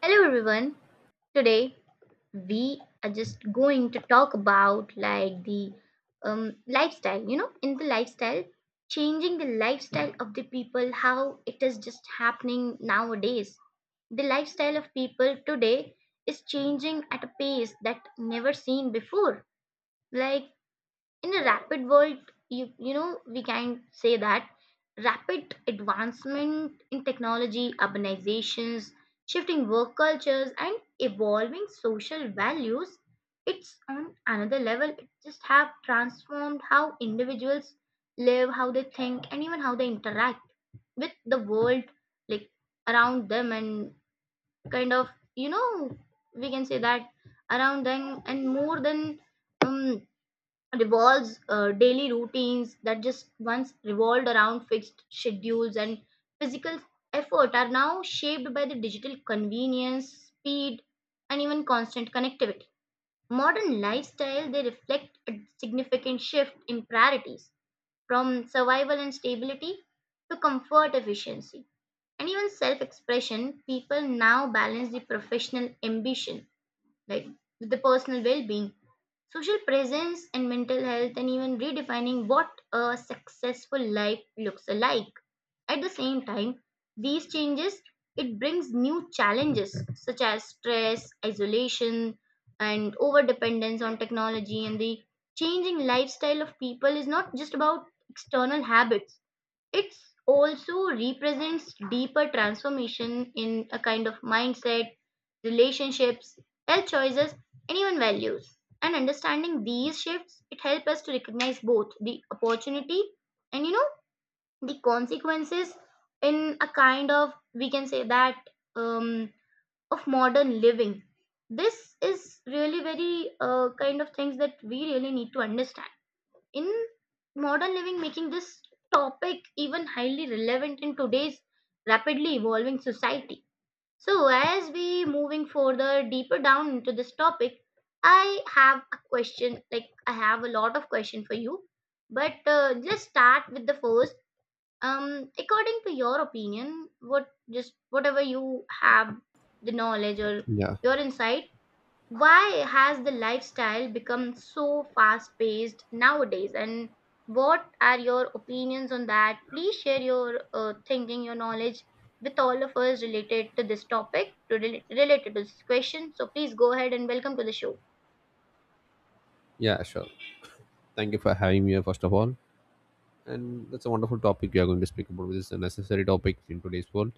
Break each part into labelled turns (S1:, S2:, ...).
S1: Hello everyone. Today we are just going to talk about like the lifestyle, in the lifestyle, changing the lifestyle of the people, how it is just happening nowadays. The lifestyle of people today is changing at a pace that never seen before. Like in a rapid world you know we can say that rapid advancement in technology, urbanizations, shifting work cultures, and evolving social values, it's on another level. It just have transformed how individuals live, how they think, and even how they interact with the world, like around them. And kind of you know we can say that around them, and more than um revolves daily routines that just once revolved around fixed schedules and physical effort are now shaped by the digital convenience, speed, and even constant connectivity. Modern lifestyle they reflect a significant shift in priorities, from survival and stability to comfort, efficiency, and even self-expression. People now balance the professional ambition, like with the personal well-being, social presence, and mental health, and even redefining what a successful life looks like. At the same time, these changes, it brings new challenges such as stress, isolation, and over dependence on technology. And the changing lifestyle of people is not just about external habits, it also represents deeper transformation in a kind of mindset, relationships, health choices, and even values. And understanding these shifts, it helps us to recognize both the opportunity and the consequences in a kind of, we can say that, um, of modern living. This is really very kind of things that we really need to understand in modern living, making this topic even highly relevant in today's rapidly evolving society. So, as we moving further deeper down into this topic, I have a question. Like I have a lot of question for you, but just start with the first. According to your opinion, what just whatever you have the knowledge or
S2: Yeah,
S1: your insight, why has the lifestyle become so fast paced nowadays? And what are your opinions on that? Please share your thinking, your knowledge with all of us related to this topic, to related to this question. So please go ahead and welcome to the show.
S2: yeah, sure. Thank you for having me here, first of all. And that's a wonderful topic you are going to speak about, which is a necessary topic in today's world.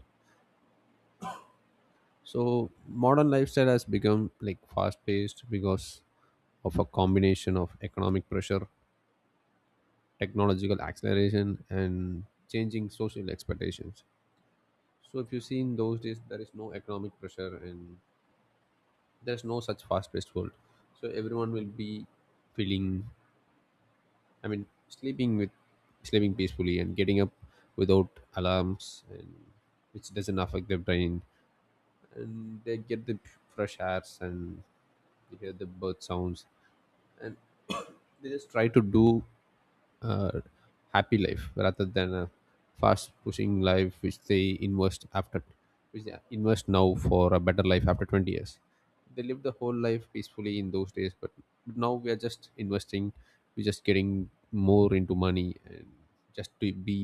S2: So, modern lifestyle has become like fast paced because of a combination of economic pressure, technological acceleration, and changing social expectations. So, if you see in those days, there is no economic pressure and there's no such fast paced world. So, everyone will be feeling, I mean, sleeping peacefully and getting up without alarms, and which doesn't affect their brain, and they get the fresh airs and they hear the bird sounds, and they just try to do uh, happy life rather than a fast pushing life which they invest now for a better life after 20 years. They lived the whole life peacefully in those days, but now we are just investing, we're just getting more into money, and just to be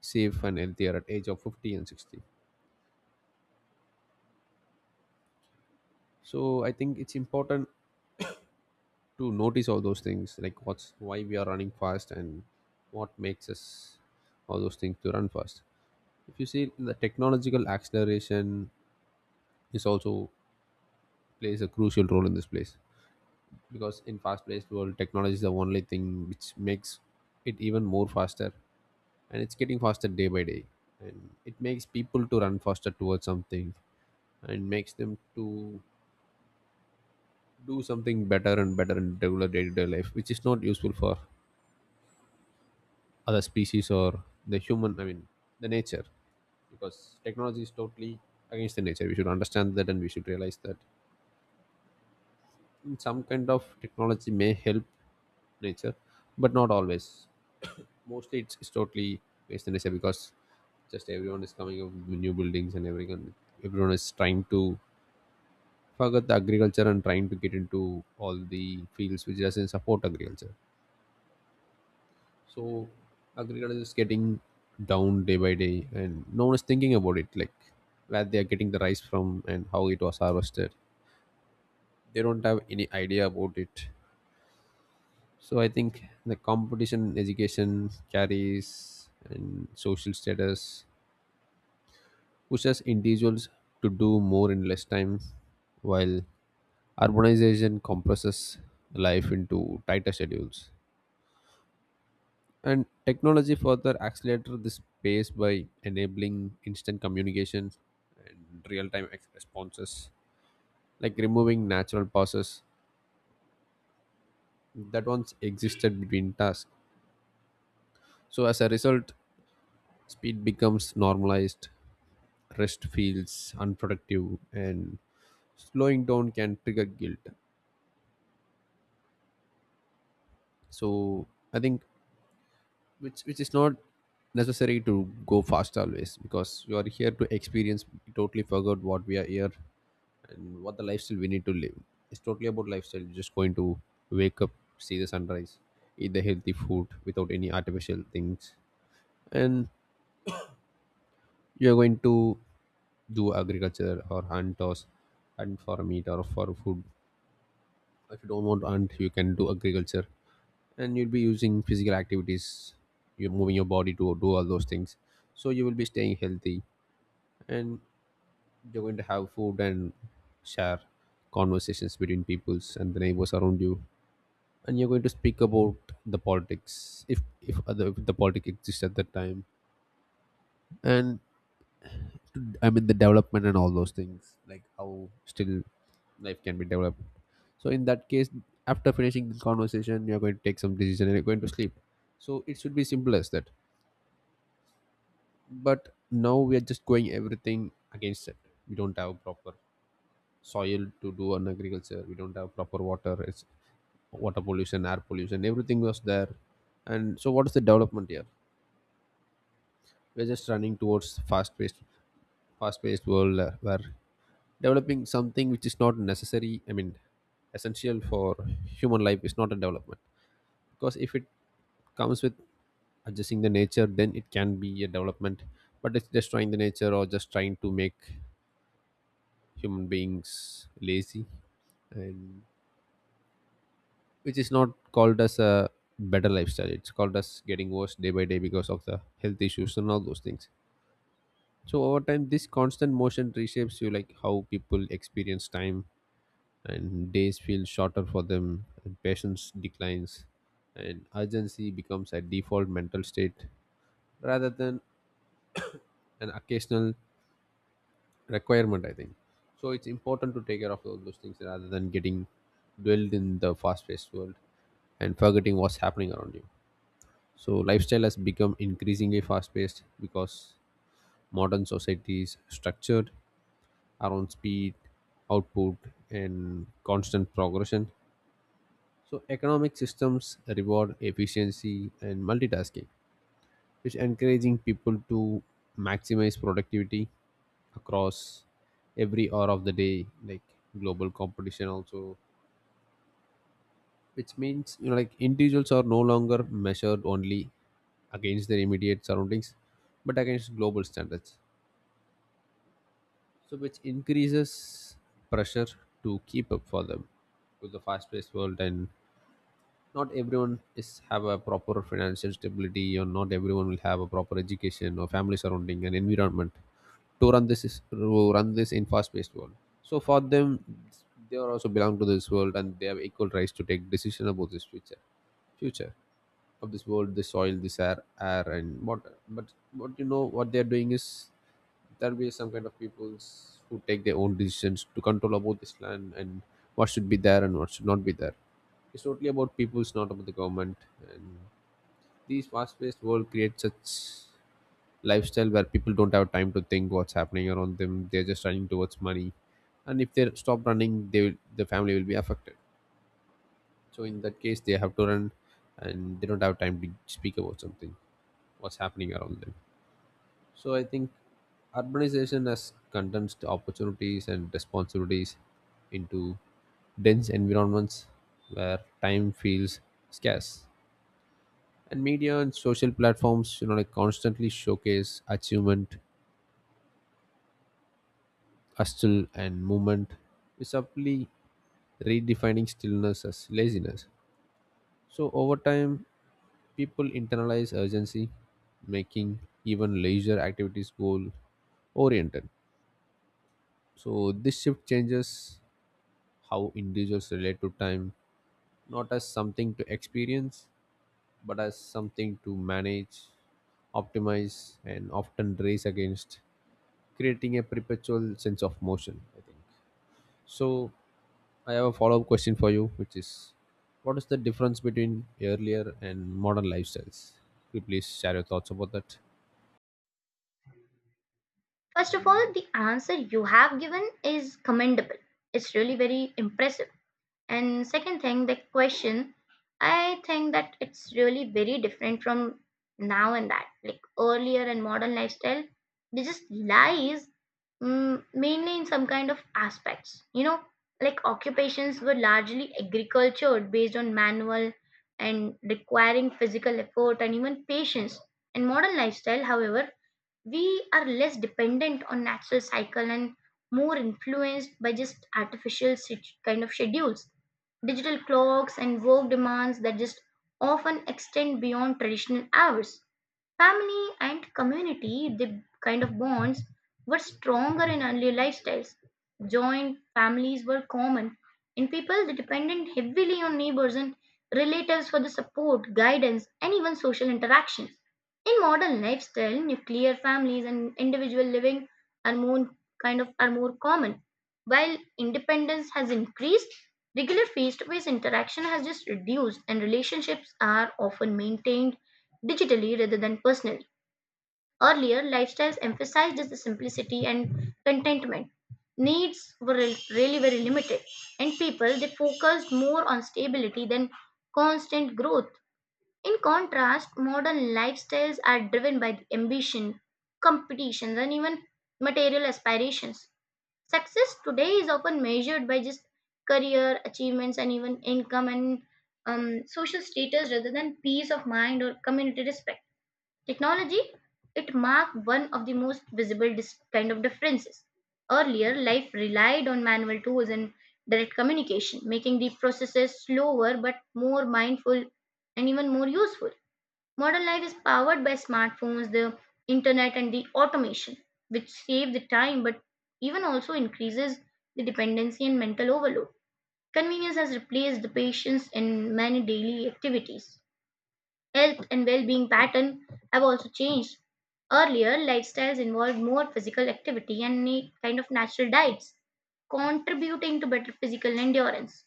S2: safe and healthier at age of 50 and 60. So I think it's important to notice all those things, like what's why we are running fast and what makes us all those things to run fast. If you see, the technological acceleration is also plays a crucial role in this place, because in fast paced world, technology is the only thing which makes it even more faster, and it's getting faster day by day, and it makes people to run faster towards something and makes them to do something better and better in regular day-to-day life, which is not useful for other species or the human, I mean the nature. Because technology is totally against the nature, we should understand that and we should realize that some kind of technology may help nature, but not always. Mostly it's totally based on nature, because just everyone is coming up with new buildings, and everyone is trying to forget the agriculture and trying to get into all the fields which doesn't support agriculture. So agriculture is getting down day by day, and no one is thinking about it, like where they are getting the rice from and how it was harvested. They don't have any idea about it. So I think the competition in education carries and social status pushes individuals to do more in less time, while urbanization compresses life into tighter schedules. And technology further accelerated this pace by enabling instant communication and real-time responses, like removing natural pauses that once existed between tasks. So as a result, speed becomes normalized, rest feels unproductive, and slowing down can trigger guilt. So I think, which is not necessary to go fast always, because you are here to experience. We totally forgot what we are here and what the lifestyle we need to live. It's totally about lifestyle. You're just going to wake up, see the sunrise, eat the healthy food without any artificial things, and you're going to do agriculture or hunt for meat or for food, if you don't want, and you can do agriculture, and you'll be using physical activities, you're moving your body to do all those things, so you will be staying healthy, and you're going to have food and share conversations between peoples and the neighbors around you, and you're going to speak about the politics, if the politics exists at that time, and I mean the development and all those things, like how still life can be developed. So in that case, after finishing this conversation, you're going to take some decision and you're going to sleep. So it should be simple as that. But now we are just going everything against it. We don't have proper soil to do on agriculture. We don't have proper water. It's water pollution, air pollution. Everything was there. And so what is the development here? We're just running towards fast-paced world where developing something which is not necessary, I mean, essential for human life is not a development. Because if it comes with adjusting the nature, then it can be a development. But it's destroying the nature or just trying to make human beings lazy, and which is not called as a better lifestyle. It's called as getting worse day by day because of the health issues and all those things. So over time, this constant motion reshapes you, like how people experience time, and days feel shorter for them, and patience declines, and urgency becomes a default mental state rather than an occasional requirement, I think. So it's important to take care of all those things rather than getting dwelled in the fast-paced world and forgetting what's happening around you. So lifestyle has become increasingly fast-paced, because modern society is structured around speed, output, and constant progression. So economic systems reward efficiency and multitasking, which encouraging people to maximize productivity across every hour of the day, like global competition also, which means, like individuals are no longer measured only against their immediate surroundings, but against global standards. So which increases pressure to keep up for them with the fast-paced world, and not everyone is have a proper financial stability, or not everyone will have a proper education or family surrounding and environment to run this in fast paced world. So for them, they are also belong to this world and they have equal rights to take decision about this future of this world, this soil, this air and water. But what you know what they are doing is, there will be some kind of peoples who take their own decisions to control about this land and what should be there and what should not be there. It's totally about people, it's not about the government. And these fast-paced world creates such lifestyle where people don't have time to think what's happening around them. They're just running towards money, and if they stop running, the family will be affected. So in that case, they have to run, and they don't have time to speak about something what's happening around them. So I think urbanization has condensed opportunities and responsibilities into dense environments where time feels scarce. And media and social platforms, like constantly showcase achievement, hustle, and movement is subtly redefining stillness as laziness. So over time, people internalize urgency, making even leisure activities goal oriented. So this shift changes how individuals relate to time, not as something to experience but as something to manage, optimize, and often race against, creating a perpetual sense of motion, I think. So, I have a follow up question for you, which is, what is the difference between earlier and modern lifestyles? Could you please share your thoughts about that?
S1: First of all, the answer you have given is commendable. It's really very impressive. And second thing, the question, I think that it's really very different from now and that, like earlier and modern lifestyle. They just lies mainly in some kind of aspects. You know, like occupations were largely agriculture based on manual and requiring physical effort and even patience. In modern lifestyle, however, we are less dependent on natural cycle and more influenced by just artificial kind of schedules, digital clocks, and work demands that just often extend beyond traditional hours. Family and community, the kind of bonds were stronger in earlier lifestyles. Joint families were common, and people they depended heavily on neighbors and relatives for the support, guidance, and even social interactions. In modern lifestyle, nuclear families and individual living are more, kind of are more common. While independence has increased, regular face-to-face interaction has just reduced, and relationships are often maintained digitally rather than personally. Earlier, lifestyles emphasized the simplicity and contentment. Needs were really very limited, and people they focused more on stability than constant growth. In contrast, modern lifestyles are driven by the ambition, competitions, and even material aspirations. Success today is often measured by just career achievements and even income and social status rather than peace of mind or community respect. Technology, it marked one of the most visible kind of differences. Earlier, life relied on manual tools and direct communication, making the processes slower but more mindful and even more useful. Modern life is powered by smartphones, the internet, and the automation, which save the time but even also increases the dependency and mental overload. Convenience has replaced the patience in many daily activities. Health and well-being pattern have also changed. Earlier, lifestyles involved more physical activity and a kind of natural diets, contributing to better physical endurance.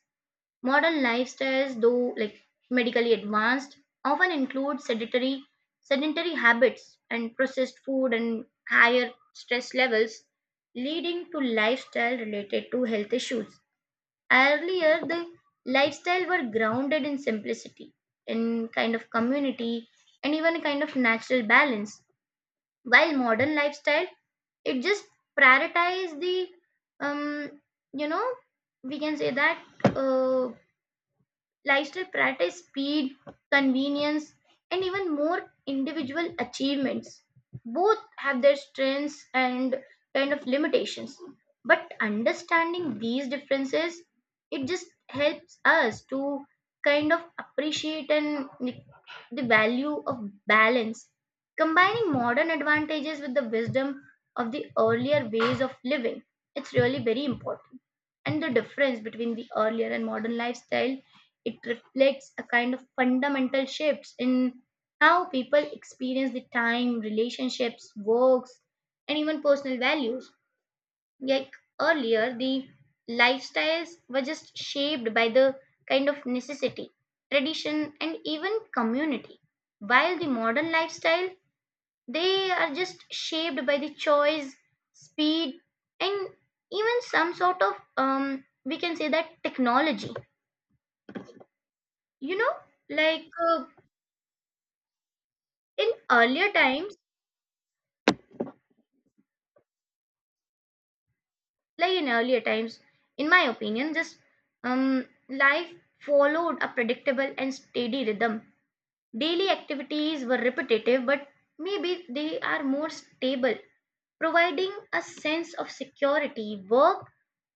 S1: Modern lifestyles, though like medically advanced, often include sedentary habits and processed food and higher stress levels, leading to lifestyle related to health issues. Earlier, the lifestyle were grounded in simplicity, in kind of community, and even kind of natural balance. While modern lifestyle, it just prioritize the, um, you know, we can say that, uh, lifestyle practice speed, convenience, and even more individual achievements. Both have their strengths and kind of limitations. But understanding these differences, it just helps us to kind of appreciate and, like, the value of balance, combining modern advantages with the wisdom of the earlier ways of living. It's really very important. And the difference between the earlier and modern lifestyle, it reflects a kind of fundamental shifts in how people experience the time, relationships, works, and even personal values. Like earlier, the lifestyles were just shaped by the kind of necessity, tradition, and even community. While the modern lifestyle, they are just shaped by the choice, speed, and even some sort of, we can say that, technology. you know like uh, in earlier times earlier times in my opinion, just um life followed a predictable and steady rhythm. Daily activities were repetitive, but maybe they are more stable, providing a sense of security. Work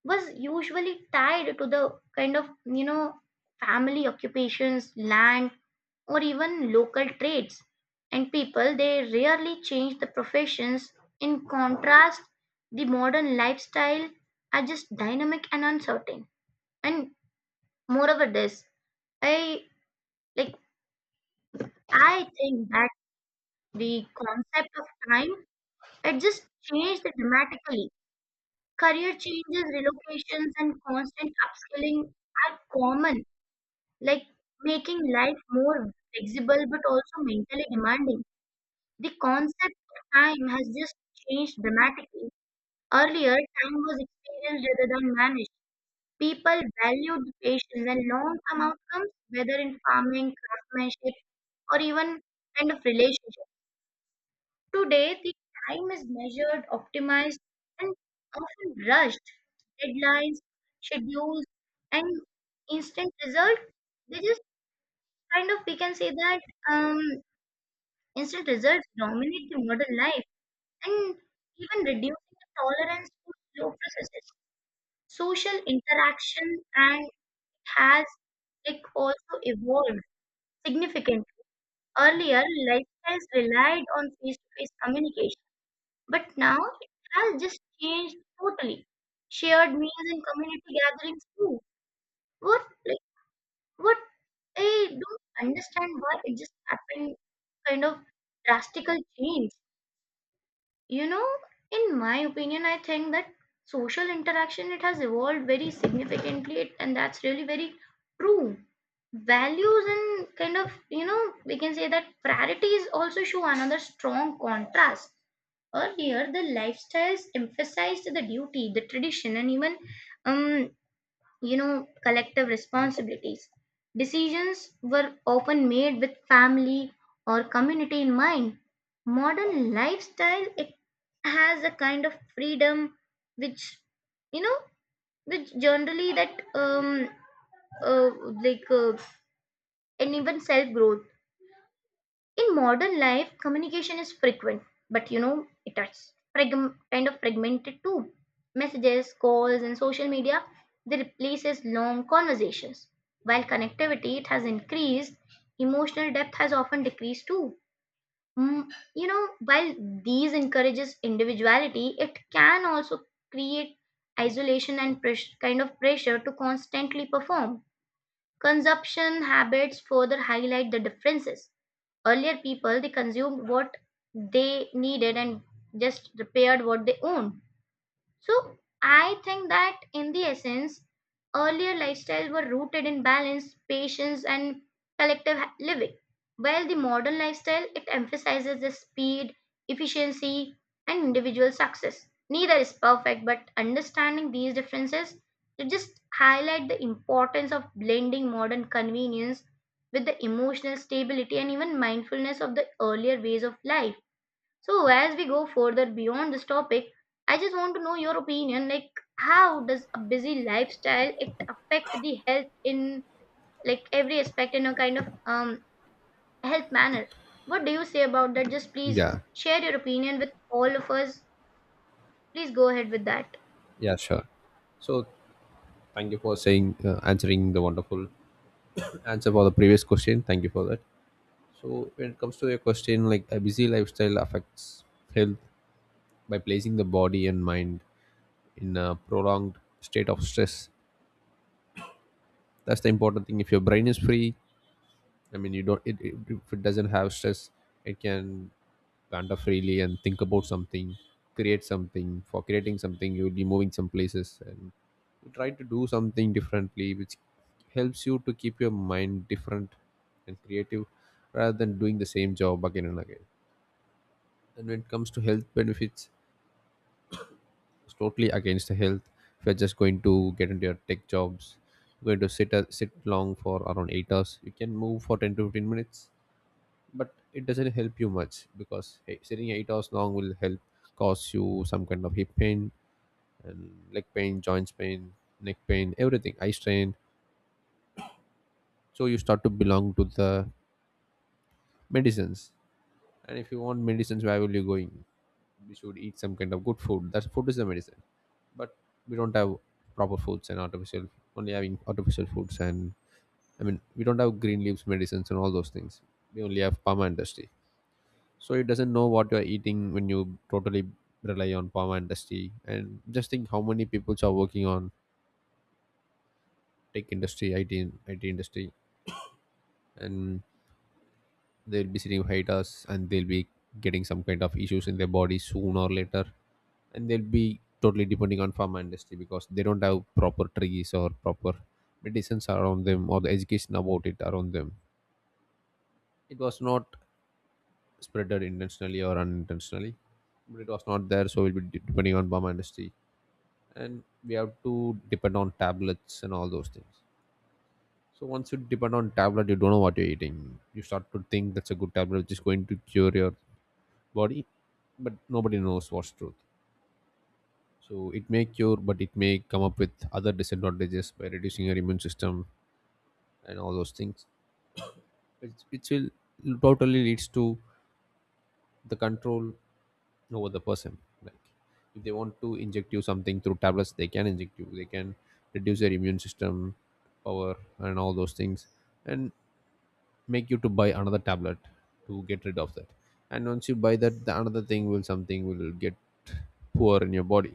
S1: was usually tied to the kind of, you know, family occupations, land, or even local trades. And people, they rarely change the professions. In contrast, the modern lifestyle are just dynamic and uncertain. And moreover, this, I like, I think that the concept of time, it just changed dramatically. Career changes, relocations, and constant upskilling are common, like making life more flexible but also mentally demanding. The concept of time has just changed dramatically. Earlier, time was experienced rather than managed. People valued patience and long term outcomes, whether in farming, craftsmanship, or even kind of relationships. Today, the time is measured, optimized, and often rushed. Deadlines, schedules, and instant result. They just kind of, we can say that, um, instant results dominate the modern life and even reducing the tolerance to slow processes. Social interaction and has like also evolved significantly. Earlier, lifestyles relied on face-to-face communication. But now it has just changed totally. Shared meals and community gatherings too. What like what I don't understand, why it just happened, kind of drastical change. You know, in my opinion, I think that social interaction, it has evolved very significantly, and that's really very true. Values and kind of, you know, we can say that priorities also show another strong contrast. Earlier, the lifestyles emphasized the duty, the tradition, and even, um, you know, collective responsibilities. Decisions were often made with family or community in mind. Modern lifestyle, it has a kind of freedom, which, you know, which generally that, uh, like uh, and even self growth. In modern life, communication is frequent but, you know, it is kind of fragmented too. Messages, calls, and social media, they replaces long conversations. While connectivity it has increased, emotional depth has often decreased too. Mm, you know, while these encourages individuality, it can also create isolation and kind of pressure to constantly perform. Consumption habits further highlight the differences. Earlier, people they consumed what they needed and just repaired what they owned. So I think that in the essence, earlier lifestyles were rooted in balance, patience, and collective living, while the modern lifestyle, it emphasizes the speed, efficiency, and individual success. Neither is perfect, but understanding these differences, it just highlight the importance of blending modern convenience with the emotional stability and even mindfulness of the earlier ways of life. So as we go further beyond this topic, I just want to know your opinion. Like, how does a busy lifestyle, it affect the health in like every aspect, in a kind of health manner? What do you say about that? Just please
S2: Yeah,
S1: share your opinion with all of us. Please go ahead with that.
S2: yeah, sure. So, thank you for saying answering the wonderful answer for the previous question. Thank you for that. So, when it comes to your question, like a busy lifestyle affects health by placing the body and mind in a prolonged state of stress. That's the important thing. If your brain is free, I mean, you don't. If it doesn't have stress, it can wander freely and think about something, create something. For creating something, you will be moving some places and you try to do something differently, which helps you to keep your mind different and creative, rather than doing the same job again and again. And when it comes to health benefits, it's totally against the health. If you're just going to get into your tech jobs, you're going to sit long for around 8 hours. You can move for 10 to 15 minutes, but it doesn't help you much, because hey, sitting 8 hours long will help cause you some kind of hip pain and leg pain, joints pain, neck pain, everything, eye strain. So you start to belong to the medicines. And if you want medicines, where will you going? We should eat some kind of good food. That's food is the medicine. But we don't have proper foods, and artificial only having artificial foods, and I mean we don't have green leaves medicines and all those things. We only have pharma industry. So it doesn't know what you're eating when you totally rely on pharma industry. And just think how many people are working on tech industry, it industry, and they'll be sitting behind us and they'll be getting some kind of issues in their body sooner or later, and they'll be totally depending on pharma industry because they don't have proper trees or proper medicines around them, or the education about it around them. It was not spreaded intentionally or unintentionally, but it was not there, so we'll be depending on pharma industry, and we have to depend on tablets and all those things. So once you depend on tablet, you don't know what you're eating. You start to think that's a good tablet which is going to cure your body, but nobody knows what's truth. So it may cure, but it may come up with other disadvantages by reducing your immune system and all those things, which will totally leads to the control over the person. Like, if they want to inject you something through tablets, they can inject you, they can reduce your immune system power and all those things, and make you to buy another tablet to get rid of that. And once you buy that, the another thing will, something will get poor in your body.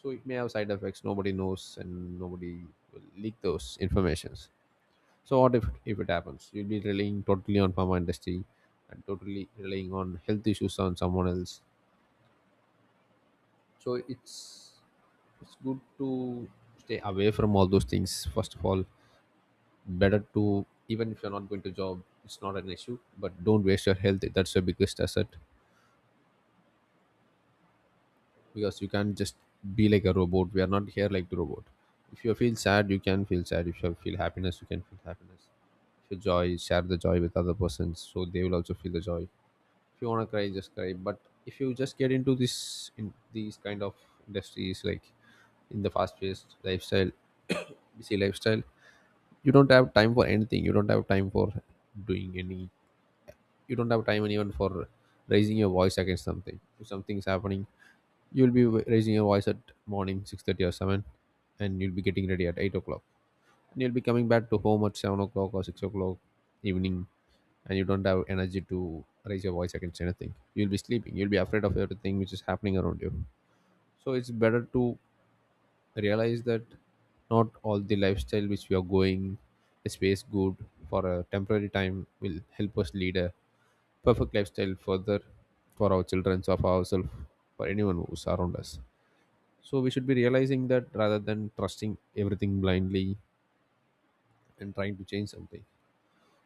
S2: So it may have side effects, nobody knows, and nobody will leak those informations. So what if it happens, you'll be relying totally on pharma industry, and totally relying on health issues on someone else. So it's good to stay away from all those things. First of all, better to, even if you're not going to job, it's not an issue, but don't waste your health. That's your biggest asset. Because you can't just be like a robot. We are not here like the robot. If you feel sad, you can feel sad. If you feel happiness, you can feel happiness. If you joy, share the joy with other persons, so they will also feel the joy. If you want to cry, just cry. But if you just get into this, in these kind of industries, like in the fast paced lifestyle, busy lifestyle, you don't have time for anything. You don't have time for doing any, you don't have time even for raising your voice against something. If something's happening, you'll be raising your voice at morning 6:30 or 7, and you'll be getting ready at 8 o'clock, and you'll be coming back to home at 7 o'clock or 6 o'clock evening, and you don't have energy to raise your voice against anything. You'll be sleeping, you'll be afraid of everything which is happening around you. So it's better to realize that not all the lifestyle which we are going a space good for a temporary time will help us lead a perfect lifestyle further, for our children or for ourselves, for anyone who's around us. So we should be realizing that rather than trusting everything blindly and trying to change something.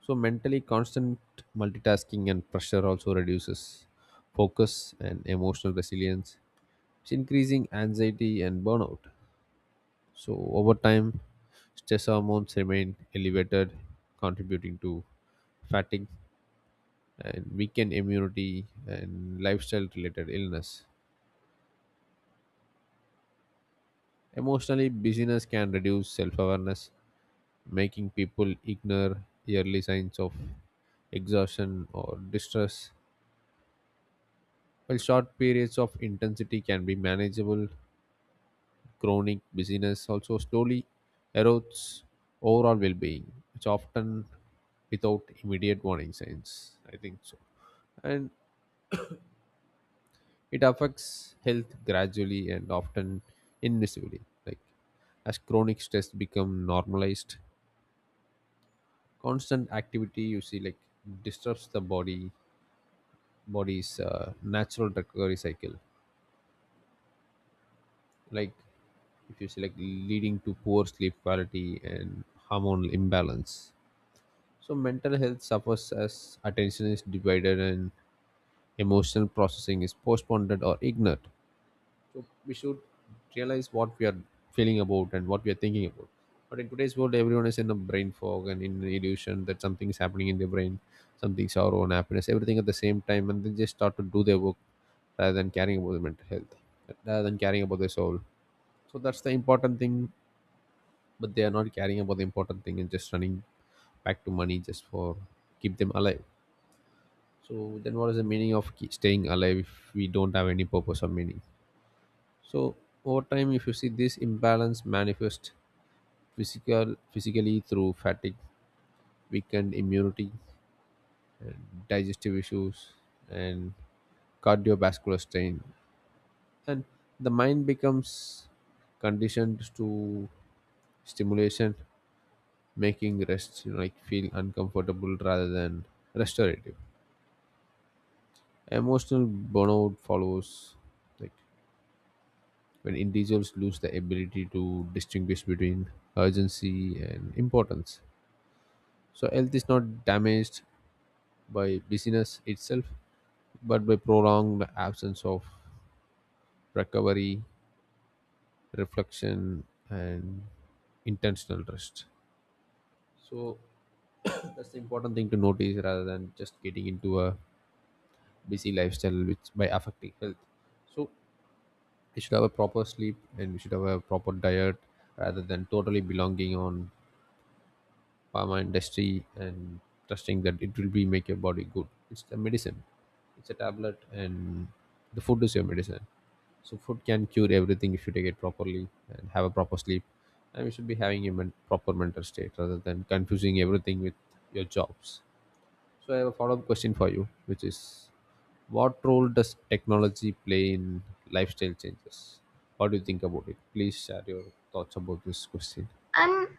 S2: So mentally constant multitasking and pressure also reduces focus and emotional resilience, it's increasing anxiety and burnout. So over time, stress hormones remain elevated, contributing to fatigue and weakened immunity and lifestyle related illness. Emotionally, busyness can reduce self awareness, making people ignore early signs of exhaustion or distress. While short periods of intensity can be manageable, chronic busyness also slowly erodes overall well being, which often without immediate warning signs. I think so. And it affects health gradually and often invisibly. Like, as chronic stress become normalized, constant activity, you see, like disturbs the body's natural recovery cycle. Like, if you select, leading to poor sleep quality and hormonal imbalance. So mental health suffers as attention is divided and emotional processing is postponed or ignored. So we should realize what we are feeling about and what we are thinking about. But in today's world, everyone is in a brain fog and in the illusion that something is happening in their brain, something our own happiness, everything at the same time, and they just start to do their work rather than caring about their mental health, rather than caring about their soul. So that's the important thing, but they are not caring about the important thing, and just running back to money just for keep them alive. So then what is the meaning of keep staying alive if we don't have any purpose or meaning? So over time, if you see this imbalance manifest, physically through fatigue, weakened immunity, and digestive issues, and cardiovascular strain. And the mind becomes conditioned to stimulation, making rest, like feel uncomfortable rather than restorative. Emotional burnout follows, like when individuals lose the ability to distinguish between urgency and importance. So health is not damaged by busyness itself, but by prolonged absence of recovery, reflection, and intentional rest. So that's the important thing to notice rather than just getting into a busy lifestyle which by affecting health. So we should have a proper sleep and we should have a proper diet, rather than totally belonging on pharma industry and trusting that it will be make your body good. It's a medicine, it's a tablet, and the food is your medicine. So food can cure everything if you take it properly, and have a proper sleep, and we should be having a proper mental state rather than confusing everything with your jobs. So I have a follow-up question for you, which is, what role does technology play in lifestyle changes? What do you think about it? Please share your thoughts about this question.
S1: Um,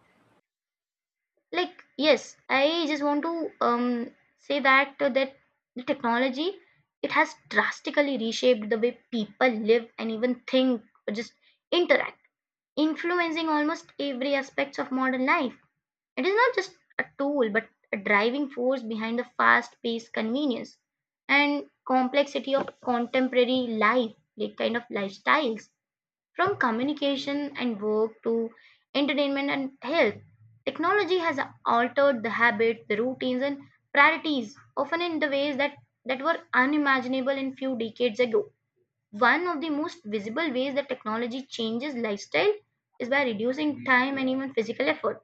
S1: like yes, I just want to say that that the technology, it has drastically reshaped the way people live and even think, or just interact, influencing almost every aspect of modern life. It is not just a tool, but a driving force behind the fast paced convenience and complexity of contemporary life, like kind of lifestyles. From communication and work to entertainment and health, technology has altered the habits, the routines, and priorities, often in the ways that were unimaginable in few decades ago. One of the most visible ways that technology changes lifestyle is by reducing time and even physical effort.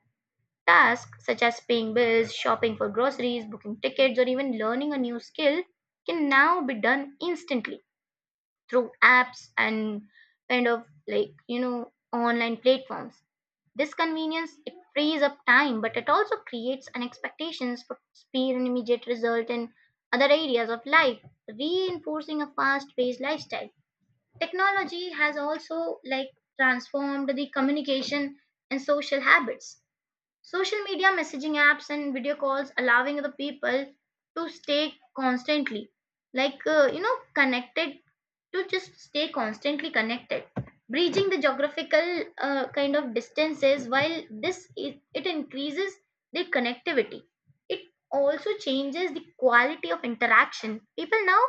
S1: Tasks such as paying bills, shopping for groceries, booking tickets, or even learning a new skill can now be done instantly through apps and kind of, like, you know, online platforms. This convenience, it frees up time, but it also creates an expectations for speed and immediate result in other areas of life, reinforcing a fast-paced lifestyle. Technology has also like transformed the communication and social habits. Social media, messaging apps, and video calls allowing the people to stay constantly, connected, to just stay constantly connected. Bridging the geographical kind of distances, while this is, it increases the connectivity. It also changes the quality of interaction. People now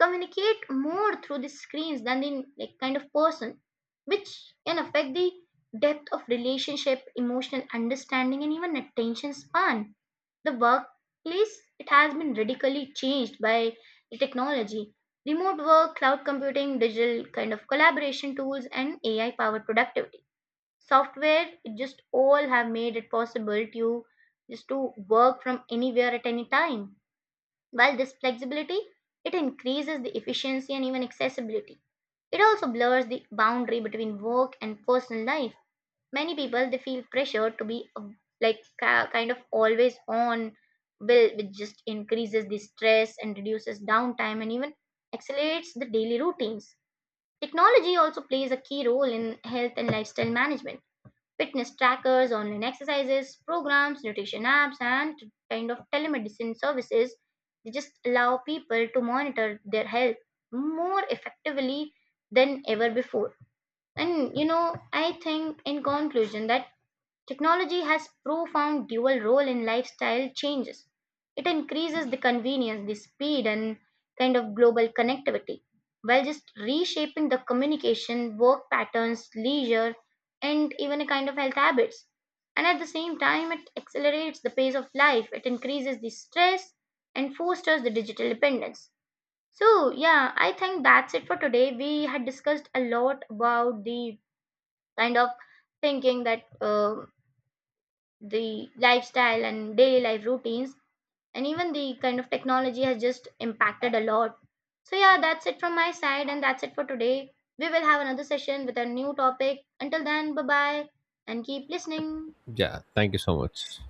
S1: communicate more through the screens than the, like, kind of person, which can affect the depth of relationship, emotional understanding, and even attention span. The workplace, it has been radically changed by the technology. Remote work, cloud computing, digital kind of collaboration tools, and AI powered productivity software, it just all have made it possible to just to work from anywhere at any time. While this flexibility, it increases the efficiency and even accessibility. It also blurs the boundary between work and personal life. Many people they feel pressure to be kind of always on will, which just increases the stress and reduces downtime and even accelerates the daily routines. Technology also plays a key role in health and lifestyle management. Fitness trackers, online exercises programs, nutrition apps, and kind of telemedicine services, they just allow people to monitor their health more effectively than ever before. And, you know, I think in conclusion that technology has profound dual role in lifestyle changes. It increases the convenience, the speed, and kind of global connectivity while just reshaping the communication, work patterns, leisure, and even a kind of health habits. And at the same time, it accelerates the pace of life, it increases the stress and fosters the digital dependence. So, yeah, I think that's it for today. We had discussed a lot about the kind of thinking that, the lifestyle and daily life routines and even the kind of technology has just impacted a lot. So yeah, that's it from my side, and that's it for today. We will have another session with a new topic. Until then, bye bye, and keep listening.
S2: Yeah, thank you so much.